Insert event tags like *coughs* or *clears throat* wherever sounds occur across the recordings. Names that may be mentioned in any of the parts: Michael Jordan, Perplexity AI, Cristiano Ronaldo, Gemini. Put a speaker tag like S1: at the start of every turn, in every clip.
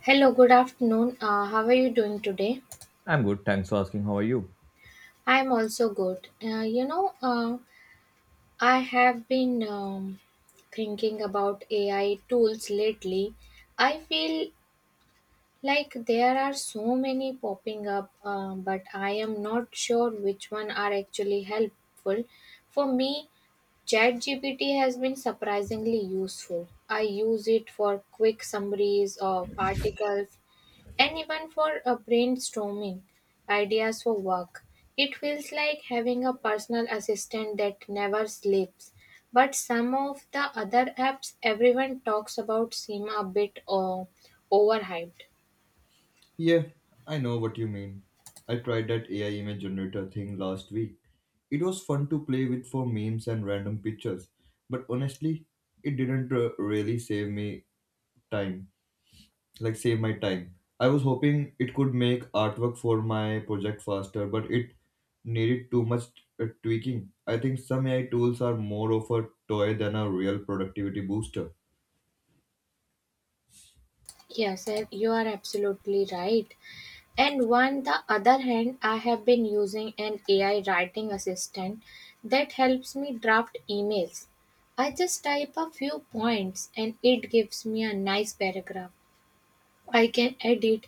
S1: Hello, good afternoon. How are you doing today?
S2: I'm good, thanks for asking. How are you?
S1: I am also good. I have been thinking about AI tools lately. I feel like there are so many popping up, but I am not sure which one are actually helpful. For me, ChatGPT has been surprisingly useful. I use it for quick summaries of articles and even for brainstorming ideas for work. It feels like having a personal assistant that never sleeps. But some of the other apps everyone talks about seem a bit overhyped.
S2: Yeah, I know what you mean. I tried that AI image generator thing last week. It was fun to play with for memes and random pictures, but honestly, it didn't really save me time. Like save my time. I was hoping it could make artwork for my project faster, but it needed too much tweaking. I think some AI tools are more of a toy than a real productivity booster.
S1: Yes, and you are absolutely right. And on the other hand, I have been using an AI writing assistant that helps me draft emails. I just type a few points and it gives me a nice paragraph. I can edit.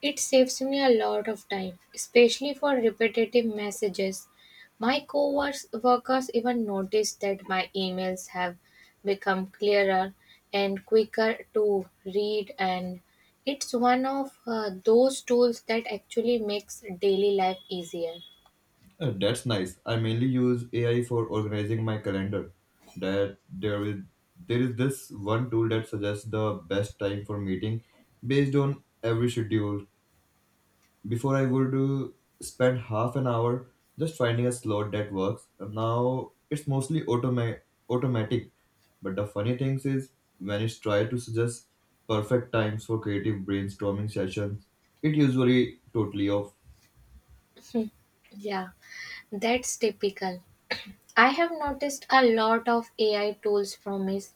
S1: It saves me a lot of time, especially for repetitive messages. My co-workers even noticed that my emails have become clearer and quicker to read and it's one of those tools that actually makes daily life easier.
S2: That's nice. I mainly use AI for organizing my calendar. That there is this one tool that suggests the best time for meeting based on every schedule. Before I would spend half an hour just finding a slot that works. And now it's mostly automatic. But the funny thing is when it's tried to suggest perfect times for creative brainstorming sessions, it usually totally off.
S1: Yeah, that's typical. I have noticed a lot of AI tools promise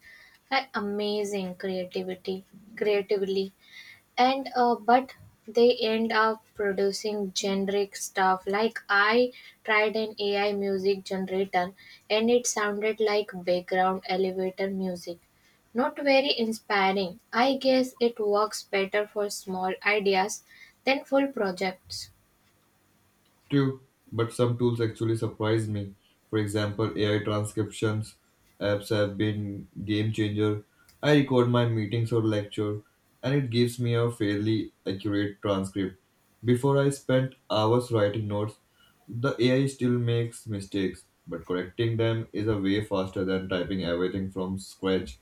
S1: amazing creativity, creatively and but they end up producing generic stuff like I tried an AI music generator and it sounded like background elevator music, not very inspiring. I guess it works better for small ideas than full projects.
S2: True, but some tools actually surprise me. For example, AI transcriptions apps have been game changer. I record my meetings or lecture and it gives me a fairly accurate transcript. Before I spent hours writing notes, the AI still makes mistakes, but correcting them is a way faster than typing everything from scratch.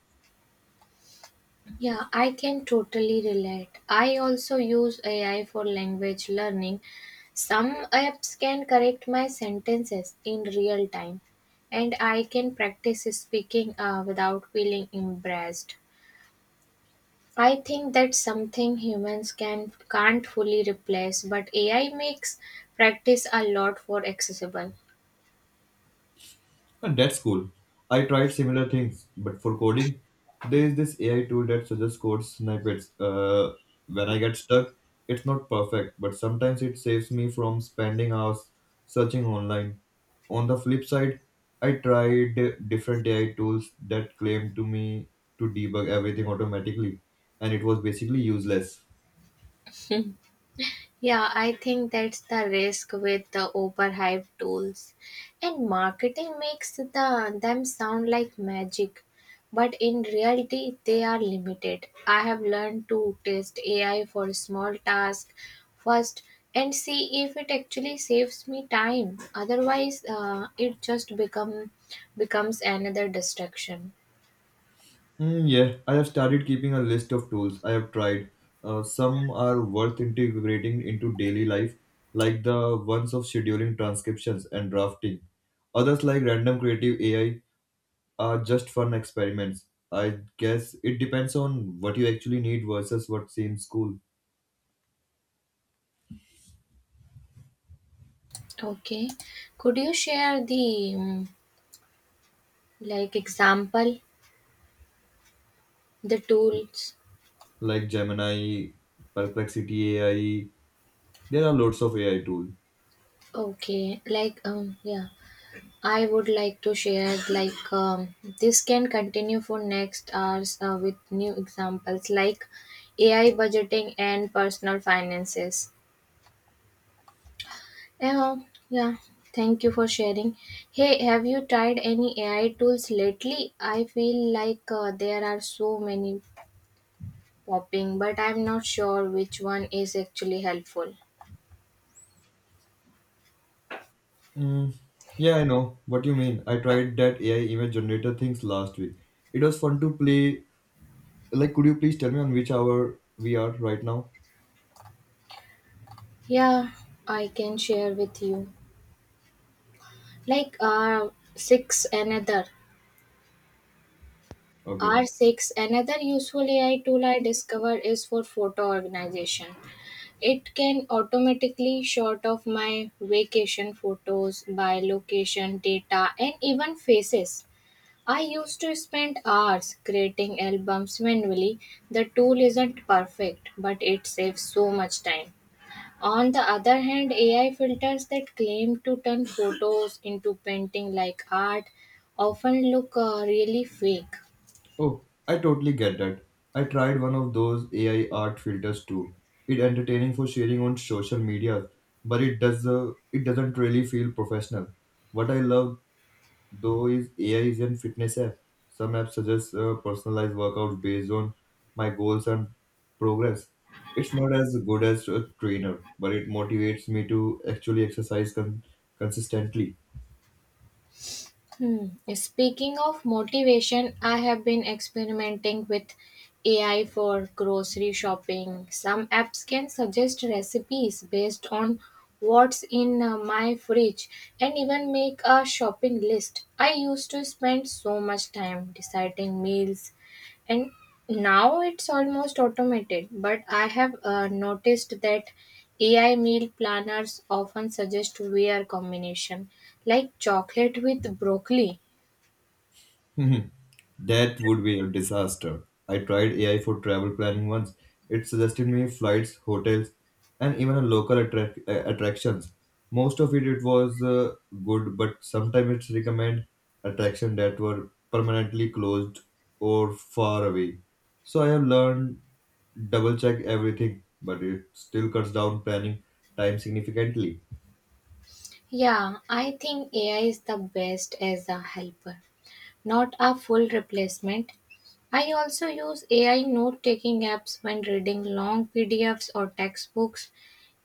S1: Yeah, I can totally relate. I also use AI for language learning. Some apps can correct my sentences in real time, and I can practice speaking without feeling embarrassed. I think that's something humans can't fully replace, but AI makes practice a lot more accessible.
S2: And that's cool. I tried similar things, but for coding, there is this AI tool that suggests code snippets. When I get stuck, it's not perfect, but sometimes it saves me from spending hours searching online. On the flip side, I tried different AI tools that claimed to me to debug everything automatically, and it was basically useless.
S1: Yeah, I think that's the risk with the overhyped tools. And marketing makes them sound like magic, but in reality they are limited. I have learned to test AI for small tasks first and see if it actually saves me time. Otherwise, it just becomes another distraction.
S2: Yeah, I have started keeping a list of tools I have tried. Some are worth integrating into daily life, like the ones of scheduling transcriptions and drafting. Others, like random creative AI, are just fun experiments. I guess it depends on what you actually need versus what seems cool,
S1: Okay. Could you share the like example the tools?
S2: like Gemini, Perplexity AI. There are lots of AI tools.
S1: Okay, like yeah, I would like to share like this can continue for next hours with new examples like AI budgeting and personal finances. Yeah, yeah. Thank you for sharing. Hey, have you tried any AI tools lately? I feel like there are so many popping, but I'm not sure which one is actually helpful.
S2: Mm, yeah, I know what you mean. I tried that AI image generator things last week. It was fun to play. Like, could you please tell me on which hour we are right now?
S1: Yeah, I can share with you. Like uh six another.
S2: Okay.
S1: R6, another useful AI tool I discovered is for photo organization. It can automatically sort of my vacation photos by location, data, and even faces. I used to spend hours creating albums manually. The tool isn't perfect, but it saves so much time. On the other hand, AI filters that claim to turn photos into painting like art often look really fake.
S2: Oh, I totally get that. I tried one of those AI art filters too. It entertaining for sharing on social media, but it doesn't really feel professional. What I love though is AI is in fitness app. Some apps suggest personalized workouts based on my goals and progress. It's not as good as a trainer, but it motivates me to actually exercise consistently.
S1: Hmm. Speaking of motivation, I have been experimenting with AI for grocery shopping. Some apps can suggest recipes based on what's in my fridge and even make a shopping list. I used to spend so much time deciding meals, and now it's almost automated, but I have noticed that AI meal planners often suggest weird combination like chocolate with broccoli.
S2: Mhm. That would be a disaster. I tried AI for travel planning once. It suggested me flights, hotels, and even a local attractions. Most of it, it was good, but sometimes it recommend attractions that were permanently closed or far away. So I have learned double check everything, but it still cuts down planning time significantly.
S1: Yeah, I think AI is the best as a helper, not a full replacement. I also use AI note taking apps when reading long PDFs or textbooks.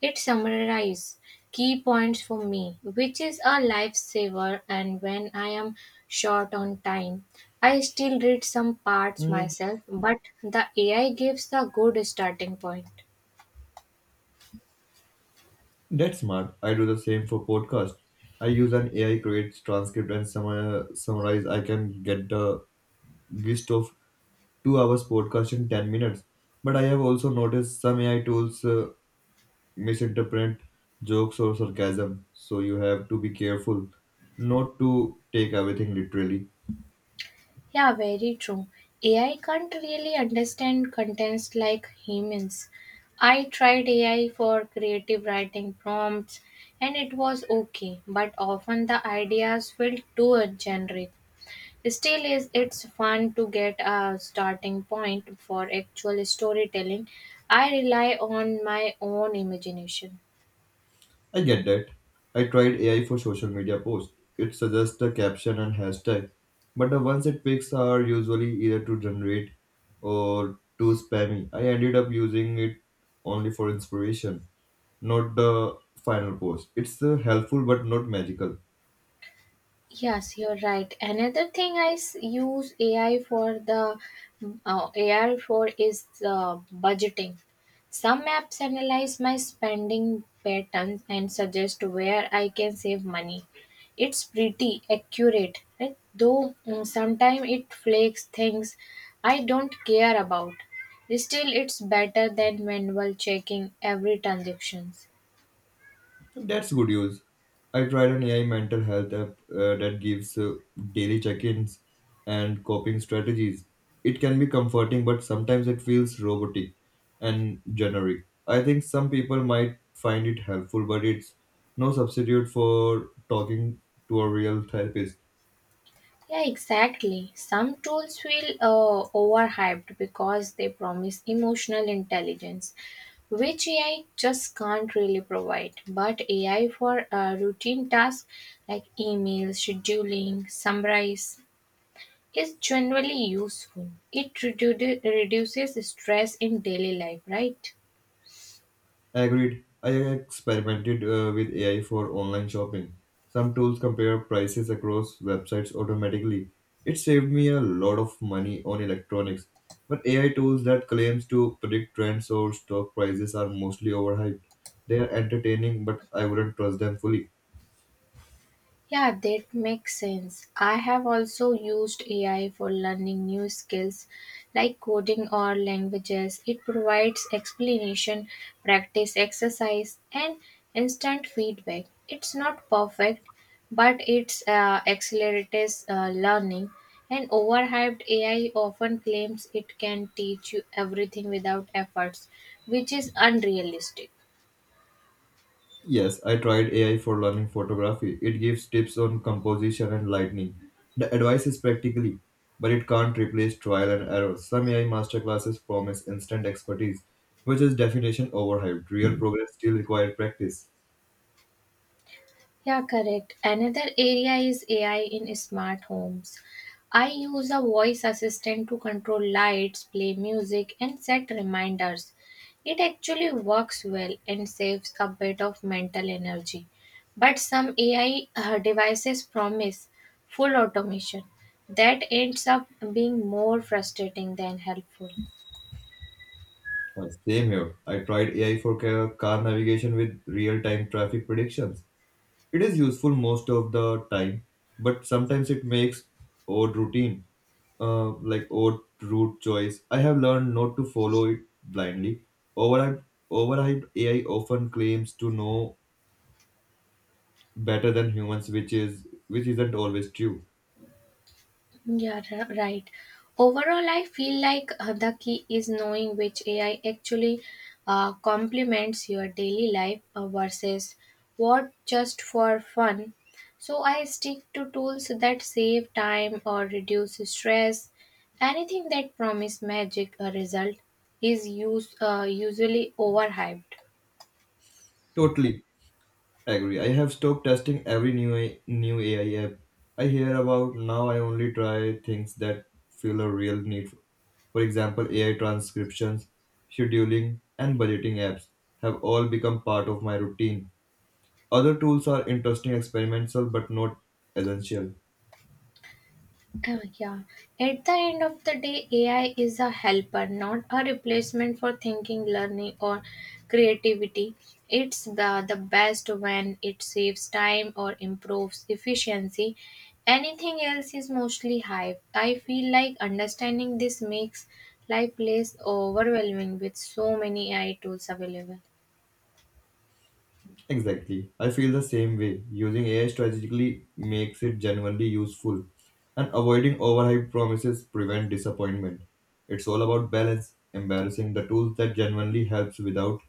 S1: It summarizes key points for me, which is a lifesaver. And when I am short on time, I still read some parts myself, but the AI gives the good starting point.
S2: That's smart. I do the same for podcast. I use an AI creates transcript and summarize. I can get the gist of 2 hours podcast in 10 minutes. But I have also noticed some AI tools misinterpret jokes or sarcasm, so you have to be careful not to take everything literally.
S1: Yeah, very true. AI can't really understand contents like humans. I tried AI for creative writing prompts and it was okay, but often the ideas felt too generic. Still, is it's fun to get a starting point for actual storytelling. I rely on my own imagination.
S2: I get that. I tried AI for social media posts. It suggests the caption and hashtag, but the ones it picks are usually either too generate or too spammy. I ended up using it only for inspiration, not the final post. It's helpful but not magical.
S1: Yes, you're right. Another thing I use AI for is budgeting. Some apps analyze my spending patterns and suggest where I can save money. It's pretty accurate, right? Though sometimes it flakes things I don't care about. Still, it's better than manual checking every transaction.
S2: That's good use. I tried an AI mental health app that gives daily check ins and coping strategies. It can be comforting, but sometimes it feels robotic and generic. I think some people might find it helpful, but it's no substitute for talking to a real therapist.
S1: Yeah, exactly. Some tools feel overhyped because they promise emotional intelligence, which AI just can't really provide. But AI for routine tasks like email, scheduling, summarize is generally useful. It reduces stress in daily life, right?
S2: Agreed. I experimented with AI for online shopping. Some tools compare prices across websites automatically. It saved me a lot of money on electronics. But AI tools that claims to predict trends or stock prices are mostly overhyped. They are entertaining, but I wouldn't trust them fully.
S1: Yeah, that makes sense. I have also used AI for learning new skills like coding or languages. It provides explanation, practice exercise, and instant feedback. It's not perfect, but it's accelerates learning. And overhyped AI often claims it can teach you everything without efforts, which is unrealistic.
S2: Yes, I tried AI for learning photography. It gives tips on composition and lighting. The advice is practically, but it can't replace trial and error. Some AI masterclasses promise instant expertise, which is definition overhyped. Real progress still requires practice.
S1: Yeah, correct. Another area is AI in smart homes. I use a voice assistant to control lights, play music, and set reminders. It actually works well and saves a bit of mental energy. But some AI devices promise full automation. That ends up being more frustrating than helpful.
S2: Same here. I tried AI for car navigation with real-time traffic predictions. It is useful most of the time, but sometimes it makes odd routine, like odd route choice. I have learned not to follow it blindly. Overhyped, overhyped AI often claims to know better than humans, which isn't always true.
S1: Right. Overall, I feel like the key is knowing which AI actually complements your daily life versus what just for fun. So I stick to tools that save time or reduce stress. Anything that promise magic a result is usually overhyped.
S2: Totally. Agree. I have stopped testing new AI app I hear about. Now I only try things that feel a real need. For example, AI transcriptions, scheduling, and budgeting apps have all become part of my routine. Other tools are interesting experimental but not essential.
S1: Yeah. At the end of the day, AI is a helper, not a replacement for thinking, learning, or creativity. It's the best when it saves time or improves efficiency. Anything else is mostly hype. I feel like understanding this makes life less overwhelming with so many AI tools available.
S2: Exactly. I feel the same way. Using AI strategically makes it genuinely useful, and avoiding overhyped promises prevent disappointment. It's all about balance, embarrassing the tools that genuinely helps without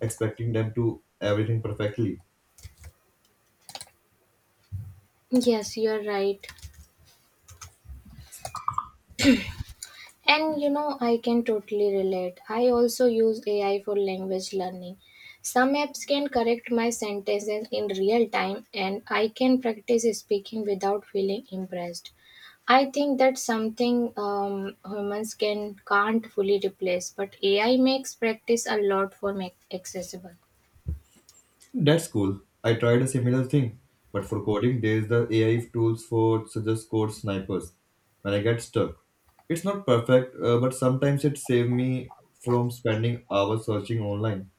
S2: expecting them to everything perfectly.
S1: Yes, you're right. And you know, I can totally relate. I also use AI for language learning. Some apps can correct my sentences in real time, and I can practice speaking without feeling impressed. I think that's something humans can't fully replace, but AI makes practice a lot for make accessible.
S2: That's cool. I tried a similar thing, but for coding, there's the AI tools for suggest code snipers when I get stuck. It's not perfect, but sometimes it saves me from spending hours searching online.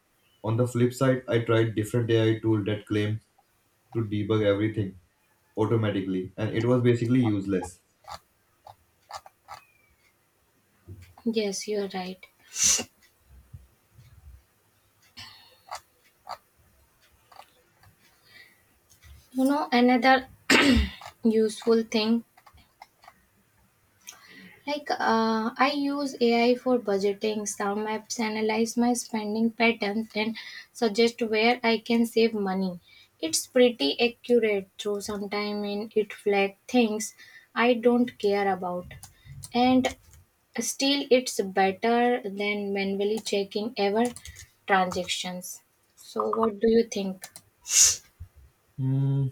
S2: On the flip side, I tried different AI tool that claim to debug everything automatically, and it was basically useless.
S1: Yes, you're right. You know, another *coughs* *clears throat* useful thing. I use AI for budgeting, sound maps, analyze my spending patterns, and suggest where I can save money. It's pretty accurate, though sometimes in it flag things I don't care about. And still, it's better than manually checking ever transactions. So, what do you think?
S2: Hmm.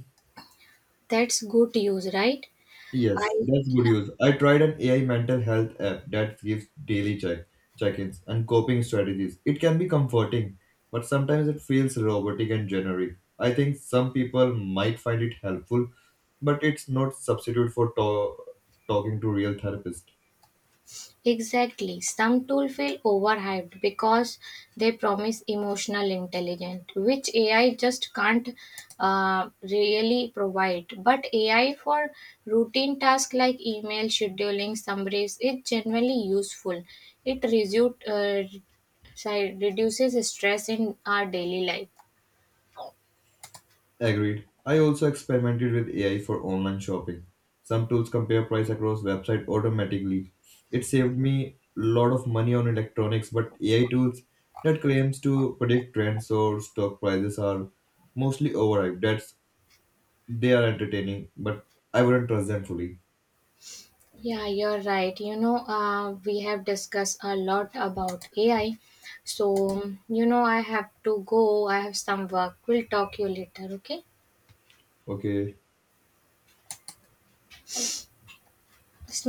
S1: That's good use, right?
S2: Yes,
S1: I
S2: that's good
S1: Yeah.
S2: use. I tried an AI mental health app that gives daily check check-ins and coping strategies. It can be comforting, but sometimes it feels robotic and generic. I think some people might find it helpful, but it's not substitute for talking to real therapist.
S1: Exactly. Some tools feel overhyped because they promise emotional intelligence, which AI just can't really provide. But AI for routine tasks like email scheduling summaries is generally useful. It sorry, reduces stress in our daily life.
S2: Agreed. I also experimented with AI for online shopping. Some tools compare price across website automatically. It saved me a lot of money on electronics, but AI tools that claims to predict trends or stock prices are mostly overhyped. That's they are entertaining, but I wouldn't trust them fully.
S1: Yeah, you're right. You know, we have discussed a lot about AI. So, you know, I have to go. I have some work. We'll talk you later, okay?
S2: Okay.
S1: It's